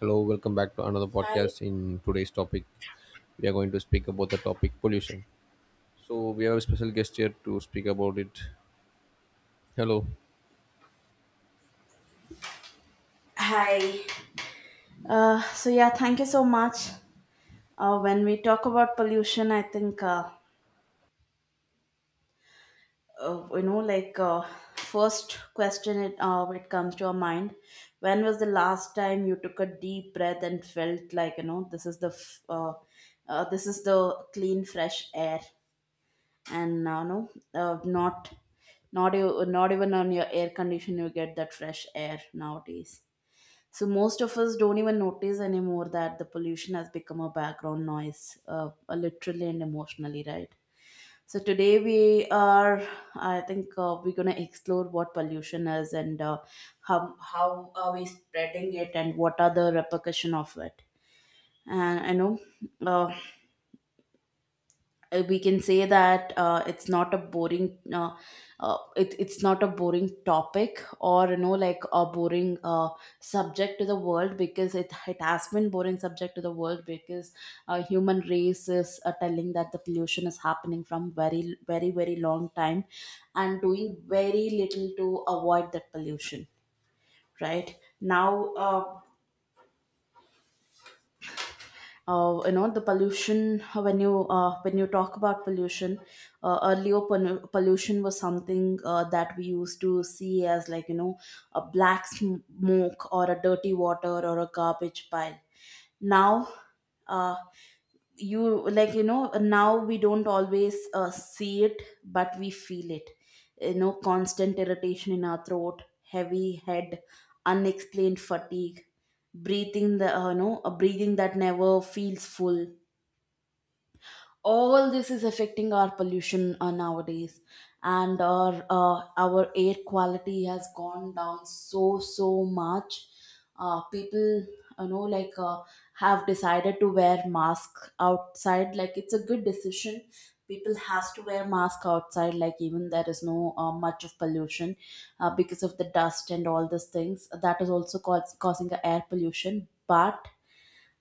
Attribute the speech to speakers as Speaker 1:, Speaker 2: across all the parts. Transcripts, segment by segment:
Speaker 1: Hello, welcome back to another
Speaker 2: Hi.
Speaker 1: podcast. In today's topic, we are going to speak about the topic pollution. So we have a special guest here to speak about it. Hello.
Speaker 2: Hi. So yeah, thank you so much. When we talk about pollution, I think uh, you know, like uh, first question it comes to our mind. When was the last time you took a deep breath and felt like you know this is the this is the clean fresh air and no uh, not not you not even on your air condition you get that fresh air nowadays. So most of us don't even notice anymore that the pollution has become a background noise, literally and emotionally, right? So today we are, I think, we're gonna explore what pollution is, and uh, how are we spreading it and what are the repercussion of it. And I know, uh, we can say that it's not a boring it's not a boring topic or you know like a boring subject to the world, because it has been boring subject to the world because human race is telling that the pollution is happening from very very very long time and doing very little to avoid that pollution right now. You know the pollution when you talk about pollution, earlier pollution was something that we used to see as like you know a black smoke or a dirty water or a garbage pile. Now uh you like you know now we don't always see it but we feel it. You know, constant irritation in our throat, heavy head, unexplained fatigue, breathing the uh a breathing that never feels full. All this is affecting our pollution nowadays, and our air quality has gone down so so much. People you know like uh, have decided to wear mask outside like it's a good decision. People has to wear mask outside like even there is no much of pollution, because of the dust and all these things that is also causing a air pollution. But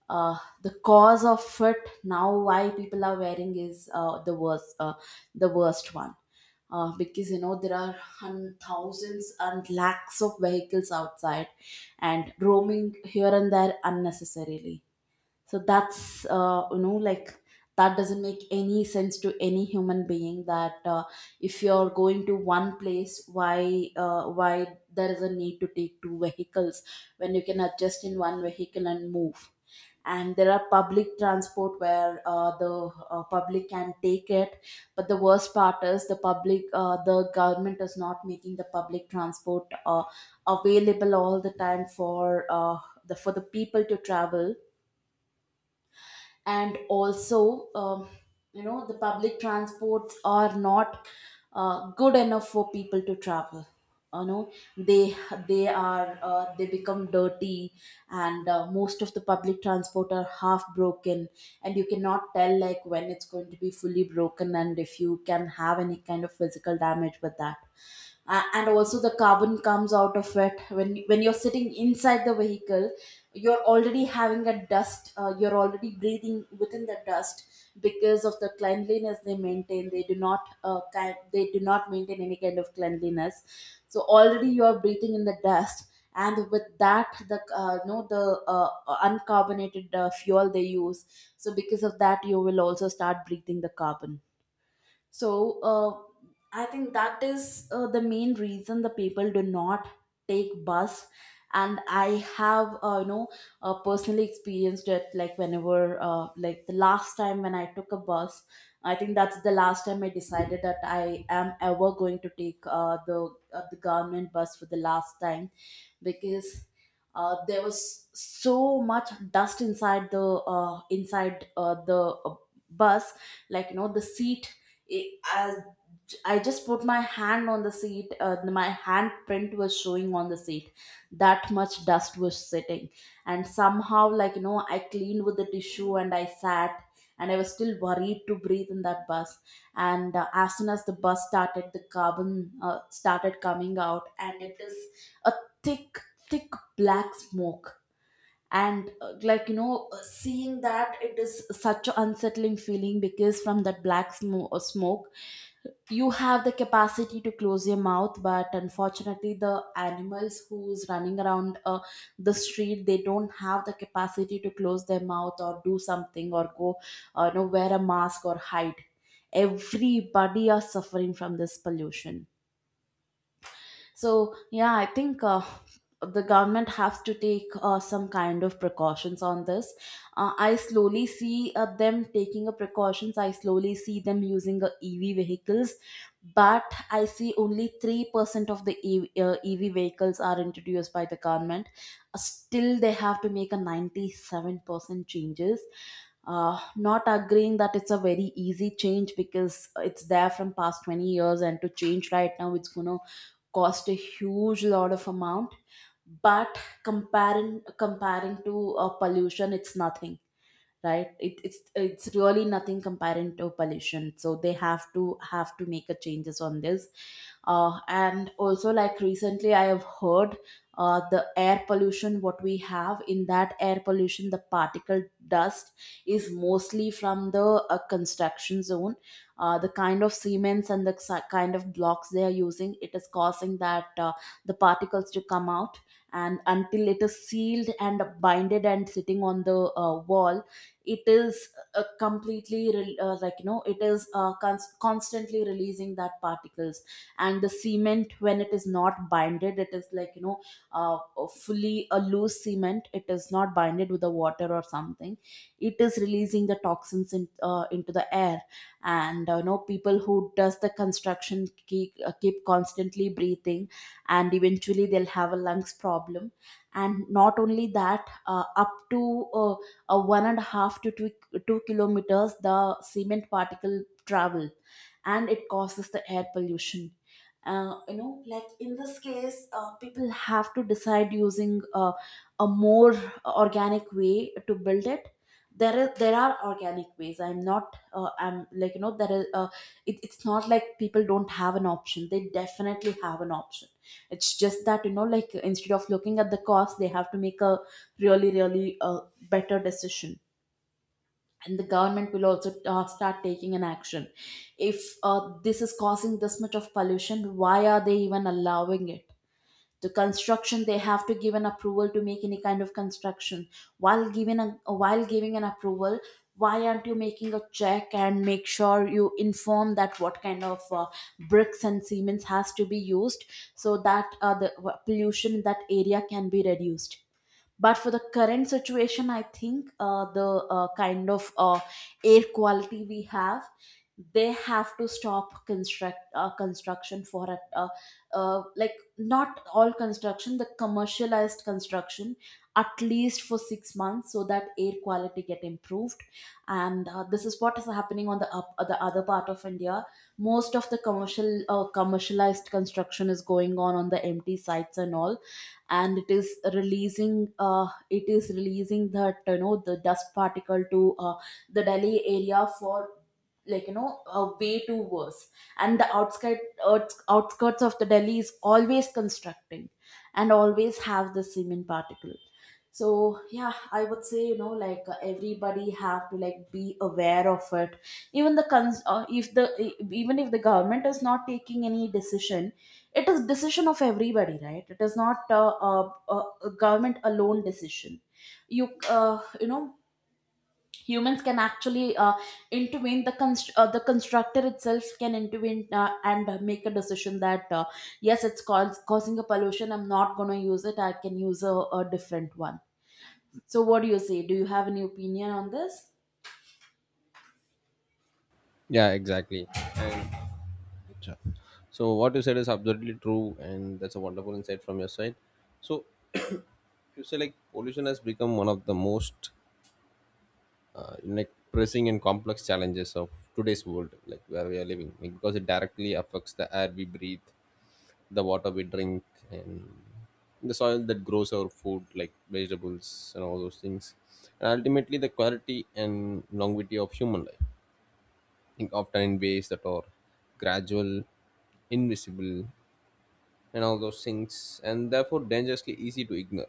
Speaker 2: the cause of it now why people are wearing is the worst one. Because you know there are thousands and lakhs of vehicles outside and roaming here and there unnecessarily. So that's that doesn't make any sense to any human being that if you're going to one place, why there is a need to take two vehicles when you can adjust in one vehicle and move? And there are public transport where the public can take it, but the worst part is the government is not making the public transport available all the time for the for the people to travel. And also you know the public transports are not good enough for people to travel. You know, they are they become dirty, and most of the public transport are half broken, and you cannot tell like when it's going to be fully broken and if you can have any kind of physical damage with that. And also the carbon comes out of it when you're sitting inside the vehicle. You're already having a dust, you're already breathing within the dust because of the cleanliness they maintain. They do not they do not maintain any kind of cleanliness. So already you are breathing in the dust, and with that the no the uncarbonated fuel they use. So because of that you will also start breathing the carbon. So I think that is the main reason the people do not take bus. And I have personally experienced it, like whenever the last time when I took a bus, I think that's the last time I decided that I am ever going to take the government bus for the last time. Because there was so much dust inside the bus. Like you know the seat, as I just put my hand on the seat. My handprint was showing on the seat. That much dust was sitting, and somehow, like you know, I cleaned with the tissue and I sat, and I was still worried to breathe in that bus. And as soon as the bus started, the carbon started coming out, and it is a thick, thick black smoke. And seeing that, it is such an unsettling feeling, because from that black smoke, you have the capacity to close your mouth, but unfortunately the animals who's running around the street, they don't have the capacity to close their mouth or do something or go you know wear a mask or hide. Everybody are suffering from this pollution. So yeah, I think the government has to take some kind of precautions on this. I slowly see them taking a precautions, I slowly see them using ev vehicles, but I see only 3% of the ev vehicles are introduced by the government. Still they have to make a 97% changes. uh, Not agreeing that it's a very easy change, because it's there from past 20 years, and to change right now it's going to cost a huge lot of amount. But comparing to pollution it's nothing. It's it's really nothing comparing to pollution, so they have to make a changes on this. And also, like recently I have heard the air pollution what we have, in that air pollution the particle dust is mostly from the construction zone. The kind of cements and the kind of blocks they are using, it is causing that the particles to come out. And until it is sealed and binded and sitting on the wall, it is uh it is constantly releasing that particles. And the cement, when it is not binded, it is like you know uh, fully a loose cement, it is not binded with the water or something. It is releasing the toxins into the air. And uh people who does the construction keep constantly breathing, and eventually they'll have a lungs problem. And not only that, up to one and a half to 2 kilometers the cement particle travel, and it causes the air pollution. Uh, you know like in this case people have to decide using a more organic way to build it. There are organic ways, I'm not I'm like you know there is it's not like people don't have an option, they definitely have an option. It's just that you know like, instead of looking at the cost, they have to make a really really better decision. And the government will also start taking an action. If this is causing this much of pollution, why are they even allowing it? The construction, they have to give an approval to make any kind of construction. While giving an approval, why aren't you making a check and make sure you inform that what kind of bricks and cements has to be used, so that the pollution in that area can be reduced? But for the current situation, I think the air quality we have, they have to stop construction for a, like not all construction, the commercialized construction, at least for 6 months, so that air quality get improved. And this is what is happening on the the other part of India. Most of the commercial commercialized construction is going on the empty sites and all, and it is releasing that you know the dust particle to the Delhi area for, like way too worse. And the outskirts outskirts of the Delhi is always constructing and always have the cement particle. So yeah, I would say, everybody have to, like, be aware of it. Even the cons- if the even if the government is not taking any decision, it is decision of everybody, right? It is not a government alone decision. you uh, you know Humans can actually intervene. The the constructor itself can intervene and make a decision that, yes, causing a pollution, I'm not going to use it, I can use a different one. So what do you say? Do you have any opinion on this?
Speaker 1: Yeah, exactly. So what you said is absolutely true, and that's a wonderful insight from your side. So you say like pollution has become one of the most like pressing and complex challenges of today's world, like where we are living, like, because it directly affects the air we breathe, the water we drink, and the soil that grows our food like vegetables and all those things, and ultimately the quality and longevity of human life. I think often in ways that are gradual, invisible, and all those things, and therefore dangerously easy to ignore,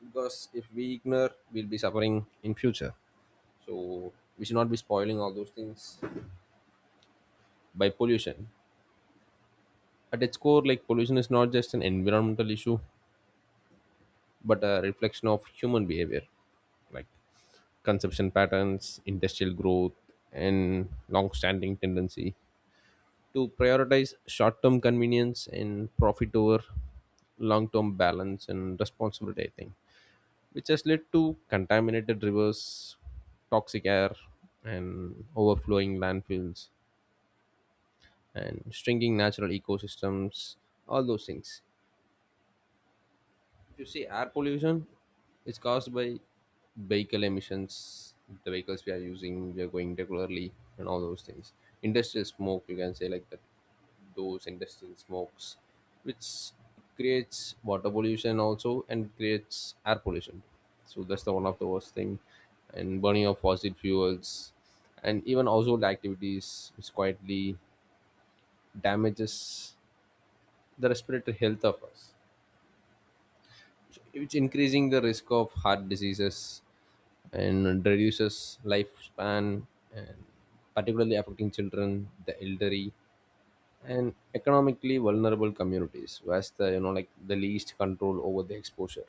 Speaker 1: because if we ignore, we'll be suffering in future. So we should not be spoiling all those things by pollution. At its core, like, pollution is not just an environmental issue but a reflection of human behavior, like consumption patterns, industrial growth, and long standing tendency to prioritize short term convenience and profit over long term balance and responsibility, I think, which has led to contaminated rivers, toxic air, and overflowing landfills, and shrinking natural ecosystems, all those things. You see, air pollution is caused by vehicle emissions, the vehicles we are using, we are going regularly, and all those things. Industrial smoke, you can say like that. Those industrial smokes which creates water pollution also and creates air pollution, so that's the one of the worst thing. And burning of fossil fuels and even household activities which quietly damages the respiratory health of us. It's increasing the risk of heart diseases and reduces lifespan, and particularly affecting children, the elderly, and economically vulnerable communities who has the, you know, like, the least control over the exposure.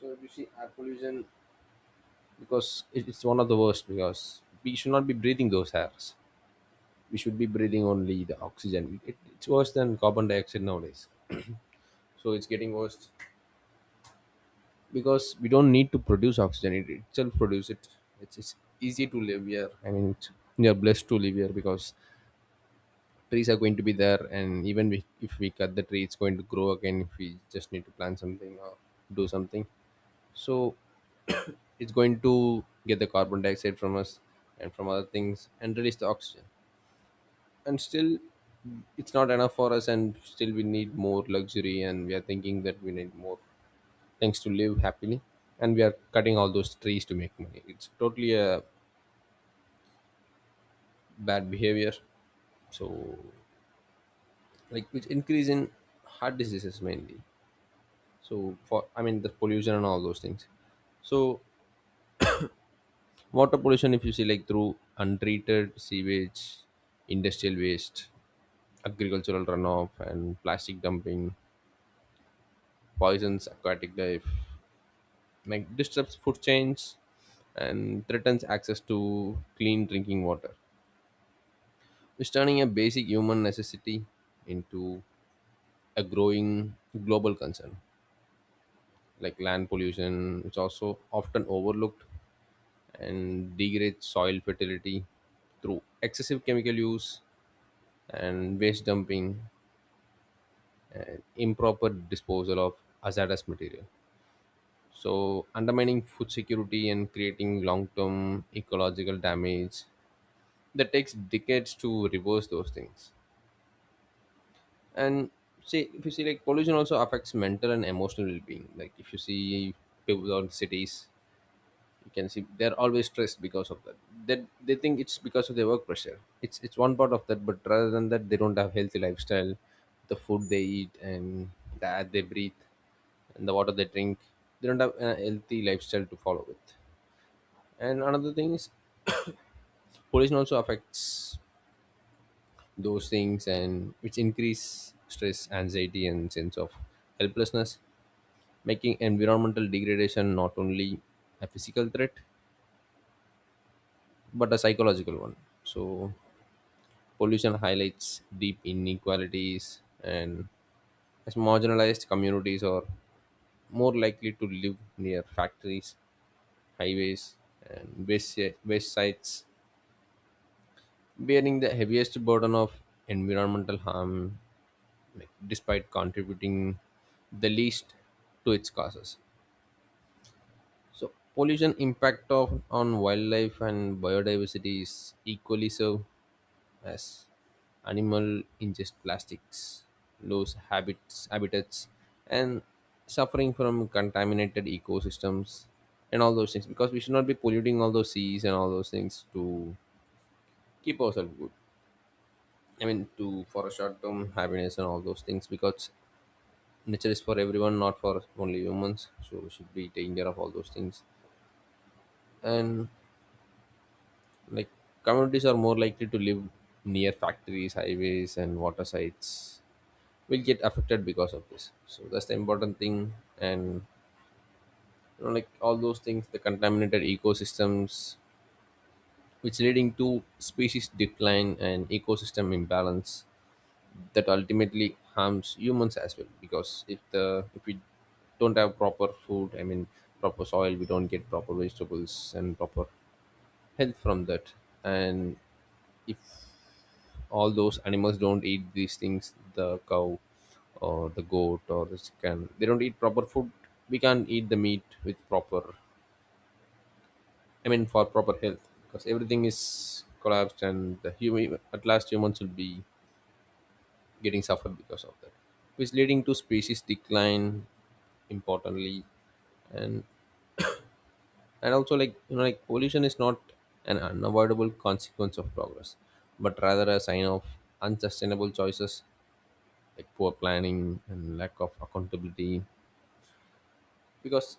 Speaker 1: So if you see air pollution, because it's one of the worst, because we should not be breathing those airs. We should be breathing only the oxygen. It's worse than carbon dioxide nowadays. So it's getting worse, because we don't need to produce oxygen, it itself produce it. It's easy to live here, I mean, it's, we are blessed to live here because trees are going to be there. And even we, if we cut the tree, it's going to grow again if we just need to plant something or do something. So it's going to get the carbon dioxide from us and from other things and release the oxygen. And still it's not enough for us, and still we need more luxury, and we are thinking that we need more. Thanks to live happily. And we are cutting all those trees to make money. It's totally a bad behavior. So, like, which increase in heart diseases mainly, so for, I mean, the pollution and all those things. So, water pollution, if you see, like, through untreated sewage, industrial waste, agricultural runoff, and plastic dumping, poisons aquatic life, like disrupts food chains, and threatens access to clean drinking water, is turning a basic human necessity into a growing global concern. Like land pollution, which also often overlooked, and degrades soil fertility through excessive chemical use and waste dumping and improper disposal of hazardous material, so undermining food security and creating long-term ecological damage that takes decades to reverse those things. And, see, if you see, like, pollution also affects mental and emotional well-being. Like, if you see people on cities, you can see they're always stressed because of that, that they think it's because of their work pressure. It's one part of that, but rather than that, they don't have healthy lifestyle, the food they eat, and the air they breathe, and the water they drink. They don't have a healthy lifestyle to follow with. And another thing is, pollution also affects those things, and which increase stress, anxiety, and sense of helplessness, making environmental degradation not only a physical threat but a psychological one. So pollution highlights deep inequalities, and as marginalized communities are more likely to live near factories, highways, and waste sites, bearing the heaviest burden of environmental harm, like, despite contributing the least to its causes. So pollution impact of on wildlife and biodiversity is equally so, as animal ingest plastics, lose habits habitats, and suffering from contaminated ecosystems and all those things, because we should not be polluting all those seas and all those things to keep ourselves good, I mean, to, for a short term happiness and all those things, because nature is for everyone, not for only humans. So we should be taking care of all those things. And, like, communities are more likely to live near factories, highways, and water sites, will get affected because of this. So that's the important thing. And, you know, like, all those things, the contaminated ecosystems, which leading to species decline and ecosystem imbalance that ultimately harms humans as well, because if we don't have proper food, I mean proper soil, we don't get proper vegetables and proper health from that. And if all those animals don't eat these things, the cow or the goat or the chicken, they don't eat proper food, we can't eat the meat with proper, I mean, for proper health, because everything is collapsed, and the human at last, humans will be getting suffer because of that, which leading to species decline importantly. and and also, like, you know, like, pollution is not an unavoidable consequence of progress but rather a sign of unsustainable choices, like poor planning and lack of accountability, because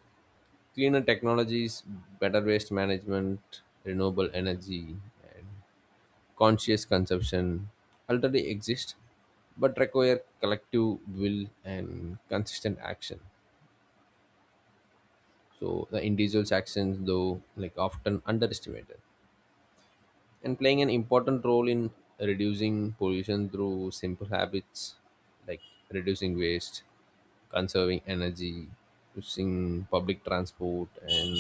Speaker 1: cleaner technologies, better waste management, renewable energy, and conscious consumption already exist but require collective will and consistent action. So the individual's actions, though, like often underestimated, and playing an important role in reducing pollution through simple habits like reducing waste, conserving energy, using public transport, and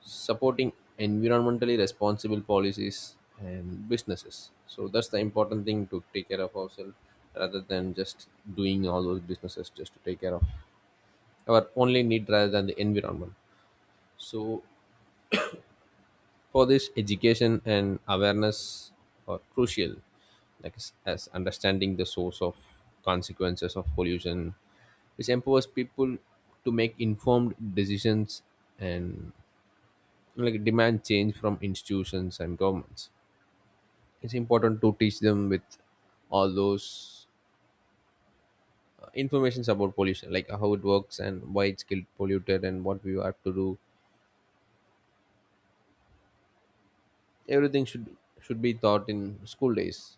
Speaker 1: supporting environmentally responsible policies and businesses. So that's the important thing, to take care of ourselves rather than just doing all those businesses just to take care of our only need rather than the environment. So, for this, education and awareness are crucial, like, as understanding the source of consequences of pollution, which empowers people to make informed decisions and, like, demand change from institutions and governments. It's important to teach them with all those informations about pollution, like how it works and why it's killed polluted and what we have to do. Everything should be taught in school days,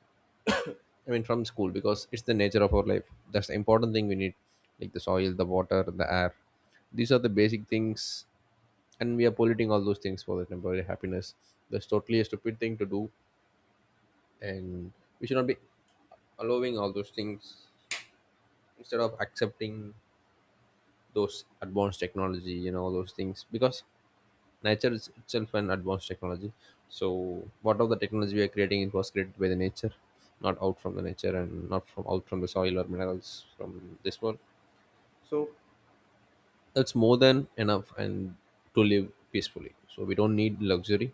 Speaker 1: I mean, from school, because it's the nature of our life. That's the important thing we need, like the soil, the water, the air. These are the basic things, and we are polluting all those things for the temporary happiness. That's totally a stupid thing to do, and we should not be allowing all those things instead of accepting those advanced technology and all those things, because nature is itself an advanced technology. So what of the technology we are creating, it was created by the nature, not out from the nature, and not from out from the soil or minerals from this world. That's more than enough, and to live peacefully, so we don't need luxury.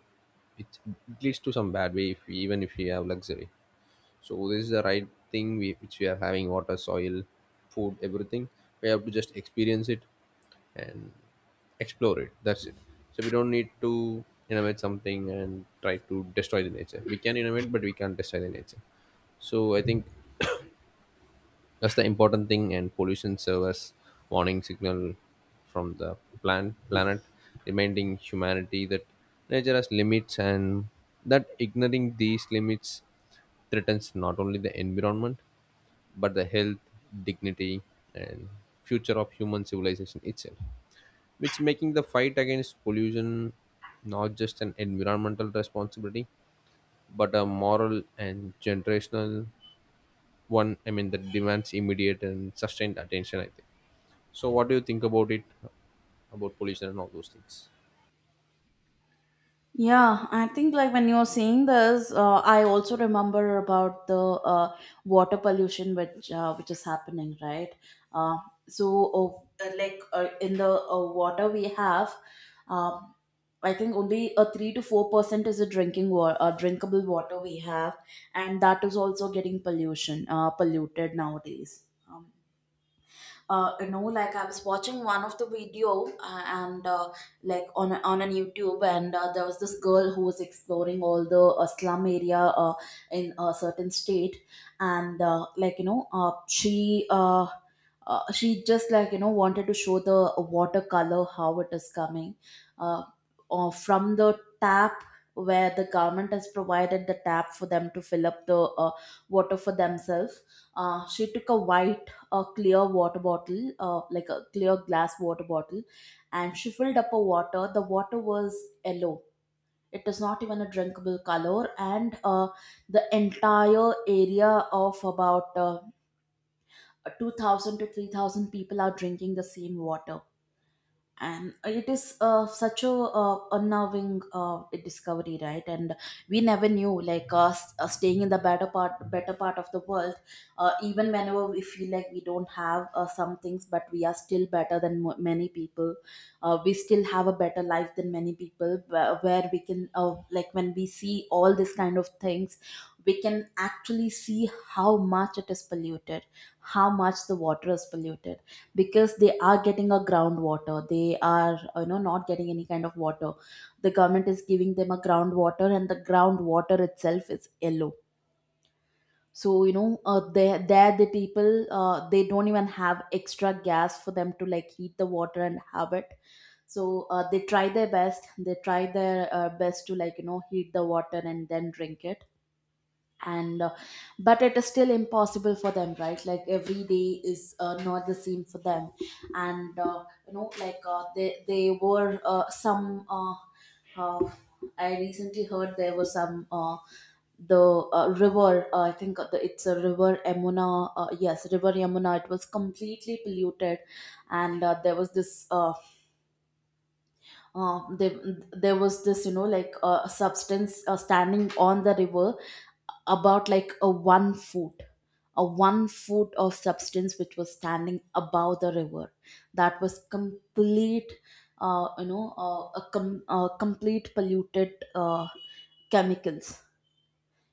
Speaker 1: It leads to some bad way if we, even if we have luxury. So this is the right thing, we, which we are having water, soil, food, everything. We have to just experience it and explore it, that's it. So we don't need to innovate something and try to destroy the nature. We can innovate, but we can't destroy the nature. So I think that's the important thing, and pollution serves warning signal from the planet, reminding humanity that nature has limits, and that ignoring these limits threatens not only the environment but the health, dignity, and future of human civilization itself. Which making the fight against pollution not just an environmental responsibility but a moral and generational one, I mean, that demands immediate and sustained attention, I think. So what do you think about it, about pollution and all those things?
Speaker 2: Yeah, I think, like, when you're saying this, I also remember about the uh, water pollution which is happening, right? Uh, in the water we have, um, I think only a 3 to 4% is a drinkable water we have, and that is also getting pollution polluted nowadays. Um, you know, like, I was watching one of the video and like, on on an YouTube, and there was this girl who was exploring all the slum area in a certain state. And she just, like, wanted to show the watercolor how it is coming, uh, or from the tap, where the government has provided the tap for them to fill up the uh, water for themselves. She took a white, a clear water bottle, like a clear glass water bottle, and she filled up a water. The water was yellow. It is not even a drinkable color. And the entire area of about 2,000 to 3,000 people are drinking the same water, and it is such a unnerving discovery, right? And we never knew, like, staying in the better part of the world, even whenever we feel like we don't have some things, but we are still better than many people. We still have a better life than many people, where we can, like, when we see all this kind of things, we can actually see how much it is polluted, how much the water is polluted, because they are getting a groundwater, they are, you know, not getting any kind of water. The government is giving them a groundwater and the groundwater itself is yellow. So, you know, there, the people, they don't even have extra gas for them to, like, heat the water and have it. So they try their best, they try their best to, like, you know, heat the water and then drink it. And but it is still impossible for them, right? Like, every day is not the same for them. And you know like they were some uh, I recently heard there was some, the river, I think, it's a river Yamuna, yes, river Yamuna, it was completely polluted. And uh, they, there was this, you know, like, substance standing on the river, about like a one foot a 1 foot of substance which was standing above the river. That was complete you know a com- complete polluted chemicals,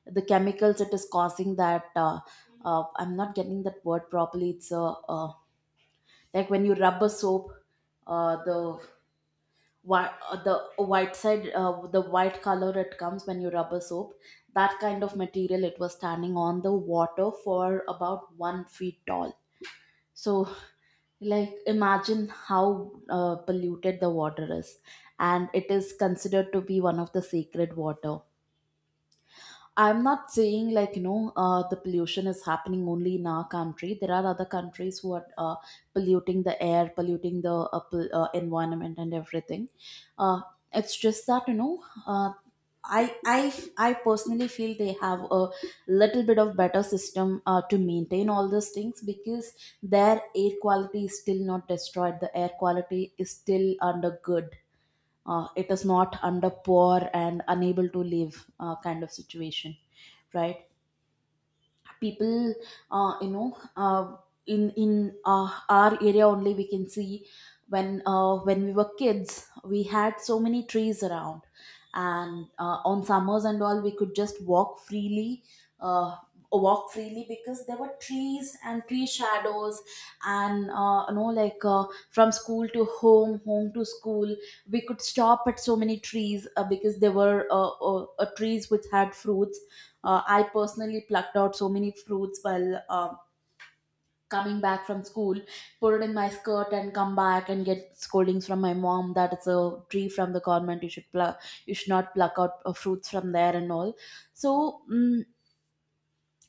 Speaker 2: the chemicals it is causing that. I'm not getting that word properly. It's a, uh, like, when you rub a soap, uh, the the white side, the white color it comes when you rub a soap. That kind of material it was standing on the water for about 1 feet tall. So, like, imagine how polluted the water is. And it is considered to be one of the sacred water. I'm not saying, like, you know, the pollution is happening only in our country. There are other countries who are polluting the air, polluting the environment, and everything. Uh, it's just that, you know, I personally feel they have a little bit of better system to maintain all those things, because their air quality is still not destroyed. The air quality is still under good, it is not under poor and unable to live kind of situation, right? people you know in our area only, we can see, when we were kids, we had so many trees around. And on summers and all, we could just walk freely, uh, because there were trees and tree shadows. And from school to home, home to school, we could stop at so many trees, because there were trees which had fruits. I personally plucked out so many fruits while coming back from school, put it in my skirt, and come back and get scoldings from my mom that it's a tree from the government. You should pluck. You should not pluck out fruits from there and all. So,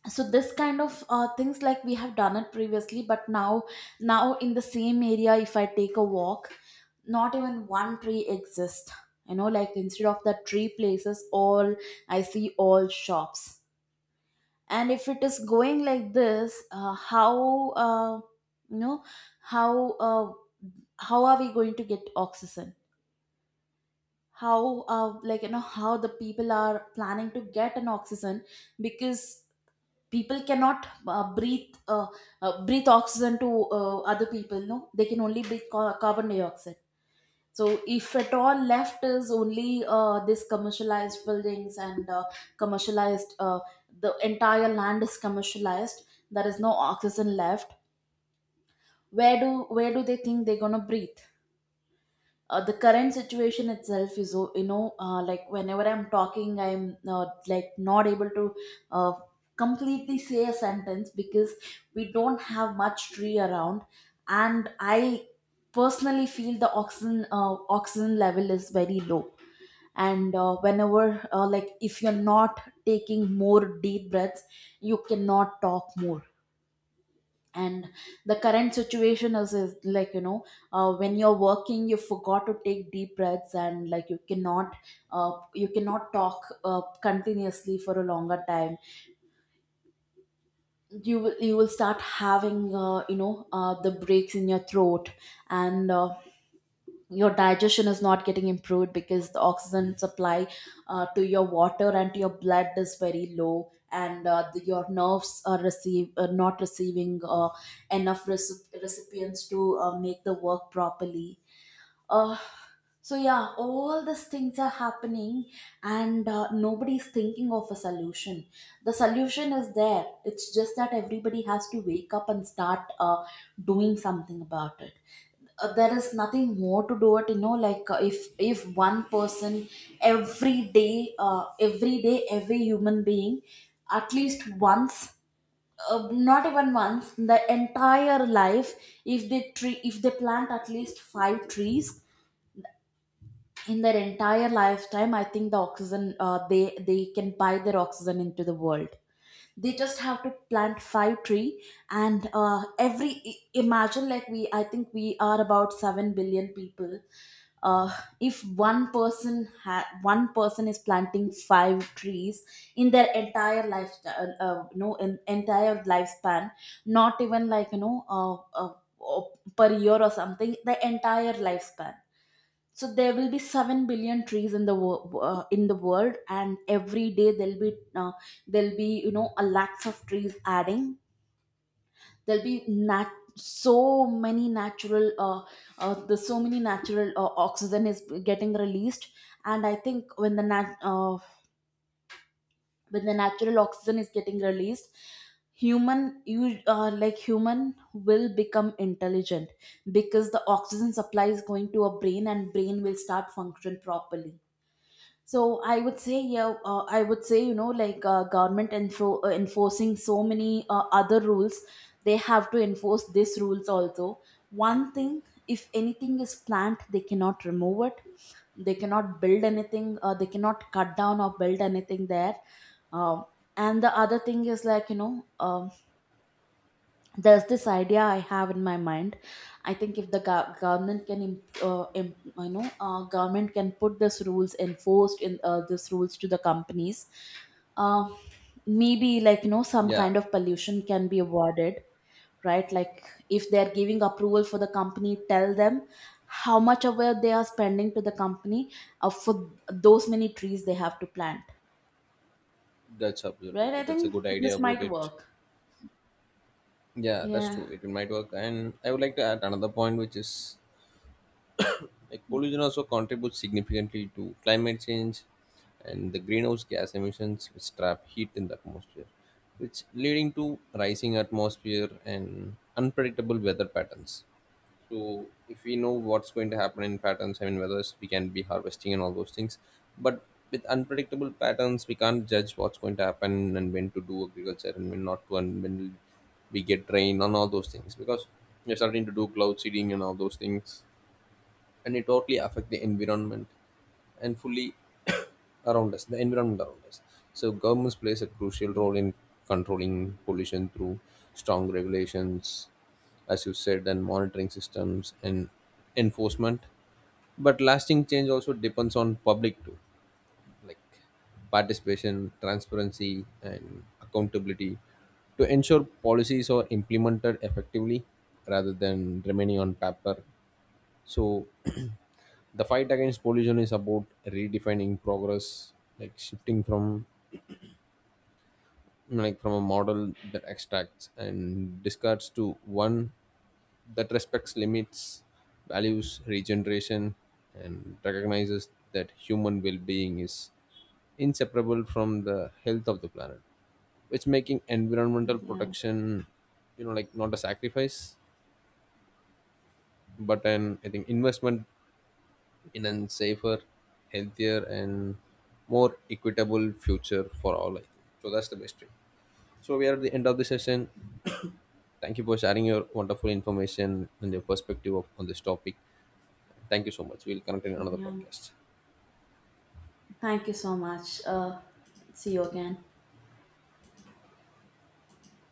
Speaker 2: so this kind of things, like, we have done it previously, but now in the same area, if I take a walk, not even one tree exists. You know, like, instead of the tree places, all I see all shops. And if it is going like this, how you know how uh, how are we going to get oxygen? How like, you know, how the people are planning to get an oxygen? Because people cannot breathe oxygen to other people. No, they can only carbon dioxide. So if at all left is only this commercialized buildings and commercialized, the entire land is commercialized, there is no oxygen left. where do where do they think they're going to breathe? The current situation itself is you know, like, whenever I'm talking, I'm like, not able to uh, completely say a sentence, because we don't have much tree around. And I personally feel the oxygen level is very low. And whenever like, if you're not taking more deep breaths, you cannot talk more. And the current is, like, you know, when you're working, you forgot to take deep breaths, and, like, you cannot talk continuously for a longer time. You will start having, the breaks in your throat. And your digestion is not getting improved, because the oxygen supply to your water and to your blood is very low. And your nerves are receive are not receiving enough recipients to make the work properly. uh, so yeah, all these things are happening. And nobody's thinking of a solution. The solution is there, it's just that everybody has to wake up and start, doing something about it. There is nothing more to do it, you know, like, if one person, every day, every human being, at least once, not even once in the entire life, if they plant at least five trees in their entire lifetime, I think the oxygen, they can buy their oxygen into the world. They just have to plant five tree. And imagine, like we I think we are about 7 billion people. uh, if one one person is planting five trees in their entire lifetime no in, entire lifespan, not even, like, you know, uh, uh, per year or something, the entire lifespan. So there will be 7 billion trees in the in the world. And every day there'll be, you know, a lakhs of trees adding. There'll be so many natural, the so many natural oxygen is getting released. And I think when the natural oxygen is getting released, human you like human will become intelligent, because the oxygen supply is going to a brain and brain will start function properly. So I would say, yeah, I would say, you know, like, enforcing so many other rules, they have to enforce these rules also. One thing, if anything is plant, they cannot remove it. They cannot build anything. They cannot cut down or build anything there. Um, and the other thing is, like, you know, there's this idea I have in my mind. I think if the government can, imp- imp- you know, government can put these rules enforced in, this rules to the companies. Uh, Maybe, like, you know, some
Speaker 1: Yeah,
Speaker 2: kind of pollution can be avoided, right? Like, if they're giving approval for the company, tell them how much aware they are spending to the company for those many trees they have to plant,
Speaker 1: that's absolutely
Speaker 2: right? I
Speaker 1: true. That's a
Speaker 2: think
Speaker 1: good idea
Speaker 2: this
Speaker 1: about
Speaker 2: might
Speaker 1: it.
Speaker 2: work.
Speaker 1: Yeah, that's
Speaker 2: Yeah,
Speaker 1: true. It might work. And I would like to add another point, which is, like, pollution also contributes significantly to climate change and the greenhouse gas emissions, which trap heat in the atmosphere, which leading to rising atmosphere and unpredictable weather patterns. So if we know what's going to happen in patterns, I mean, whether we can be harvesting and all those things. But with unpredictable patterns, we can't judge what's going to happen and when to do agriculture and when not to, and when we get rain and all those things. Because we are starting to do cloud seeding and all those things, and it totally affect the environment, and fully around us, the environment around us. So governments plays a crucial role in controlling pollution through strong regulations, as you said, and monitoring systems and enforcement, but lasting change also depends on public too, like participation, transparency, and accountability to ensure policies are implemented effectively rather than remaining on paper. So the fight against pollution is about redefining progress, like shifting from, like, from a model that extracts and discards to one that respects limits, values regeneration, and recognizes that human well-being is inseparable from the health of the planet. It's making environmental
Speaker 2: yeah,
Speaker 1: protection, you know, like, not a sacrifice, but an, I think, investment in a safer, healthier, and more equitable future for all, I think. So that's the best thing. So we are at the end of the session. Thank you for sharing your wonderful information and your perspective of, on this topic. Thank you so much. We'll connect in another
Speaker 2: yeah.
Speaker 1: podcast.
Speaker 2: Thank you so much. See you again.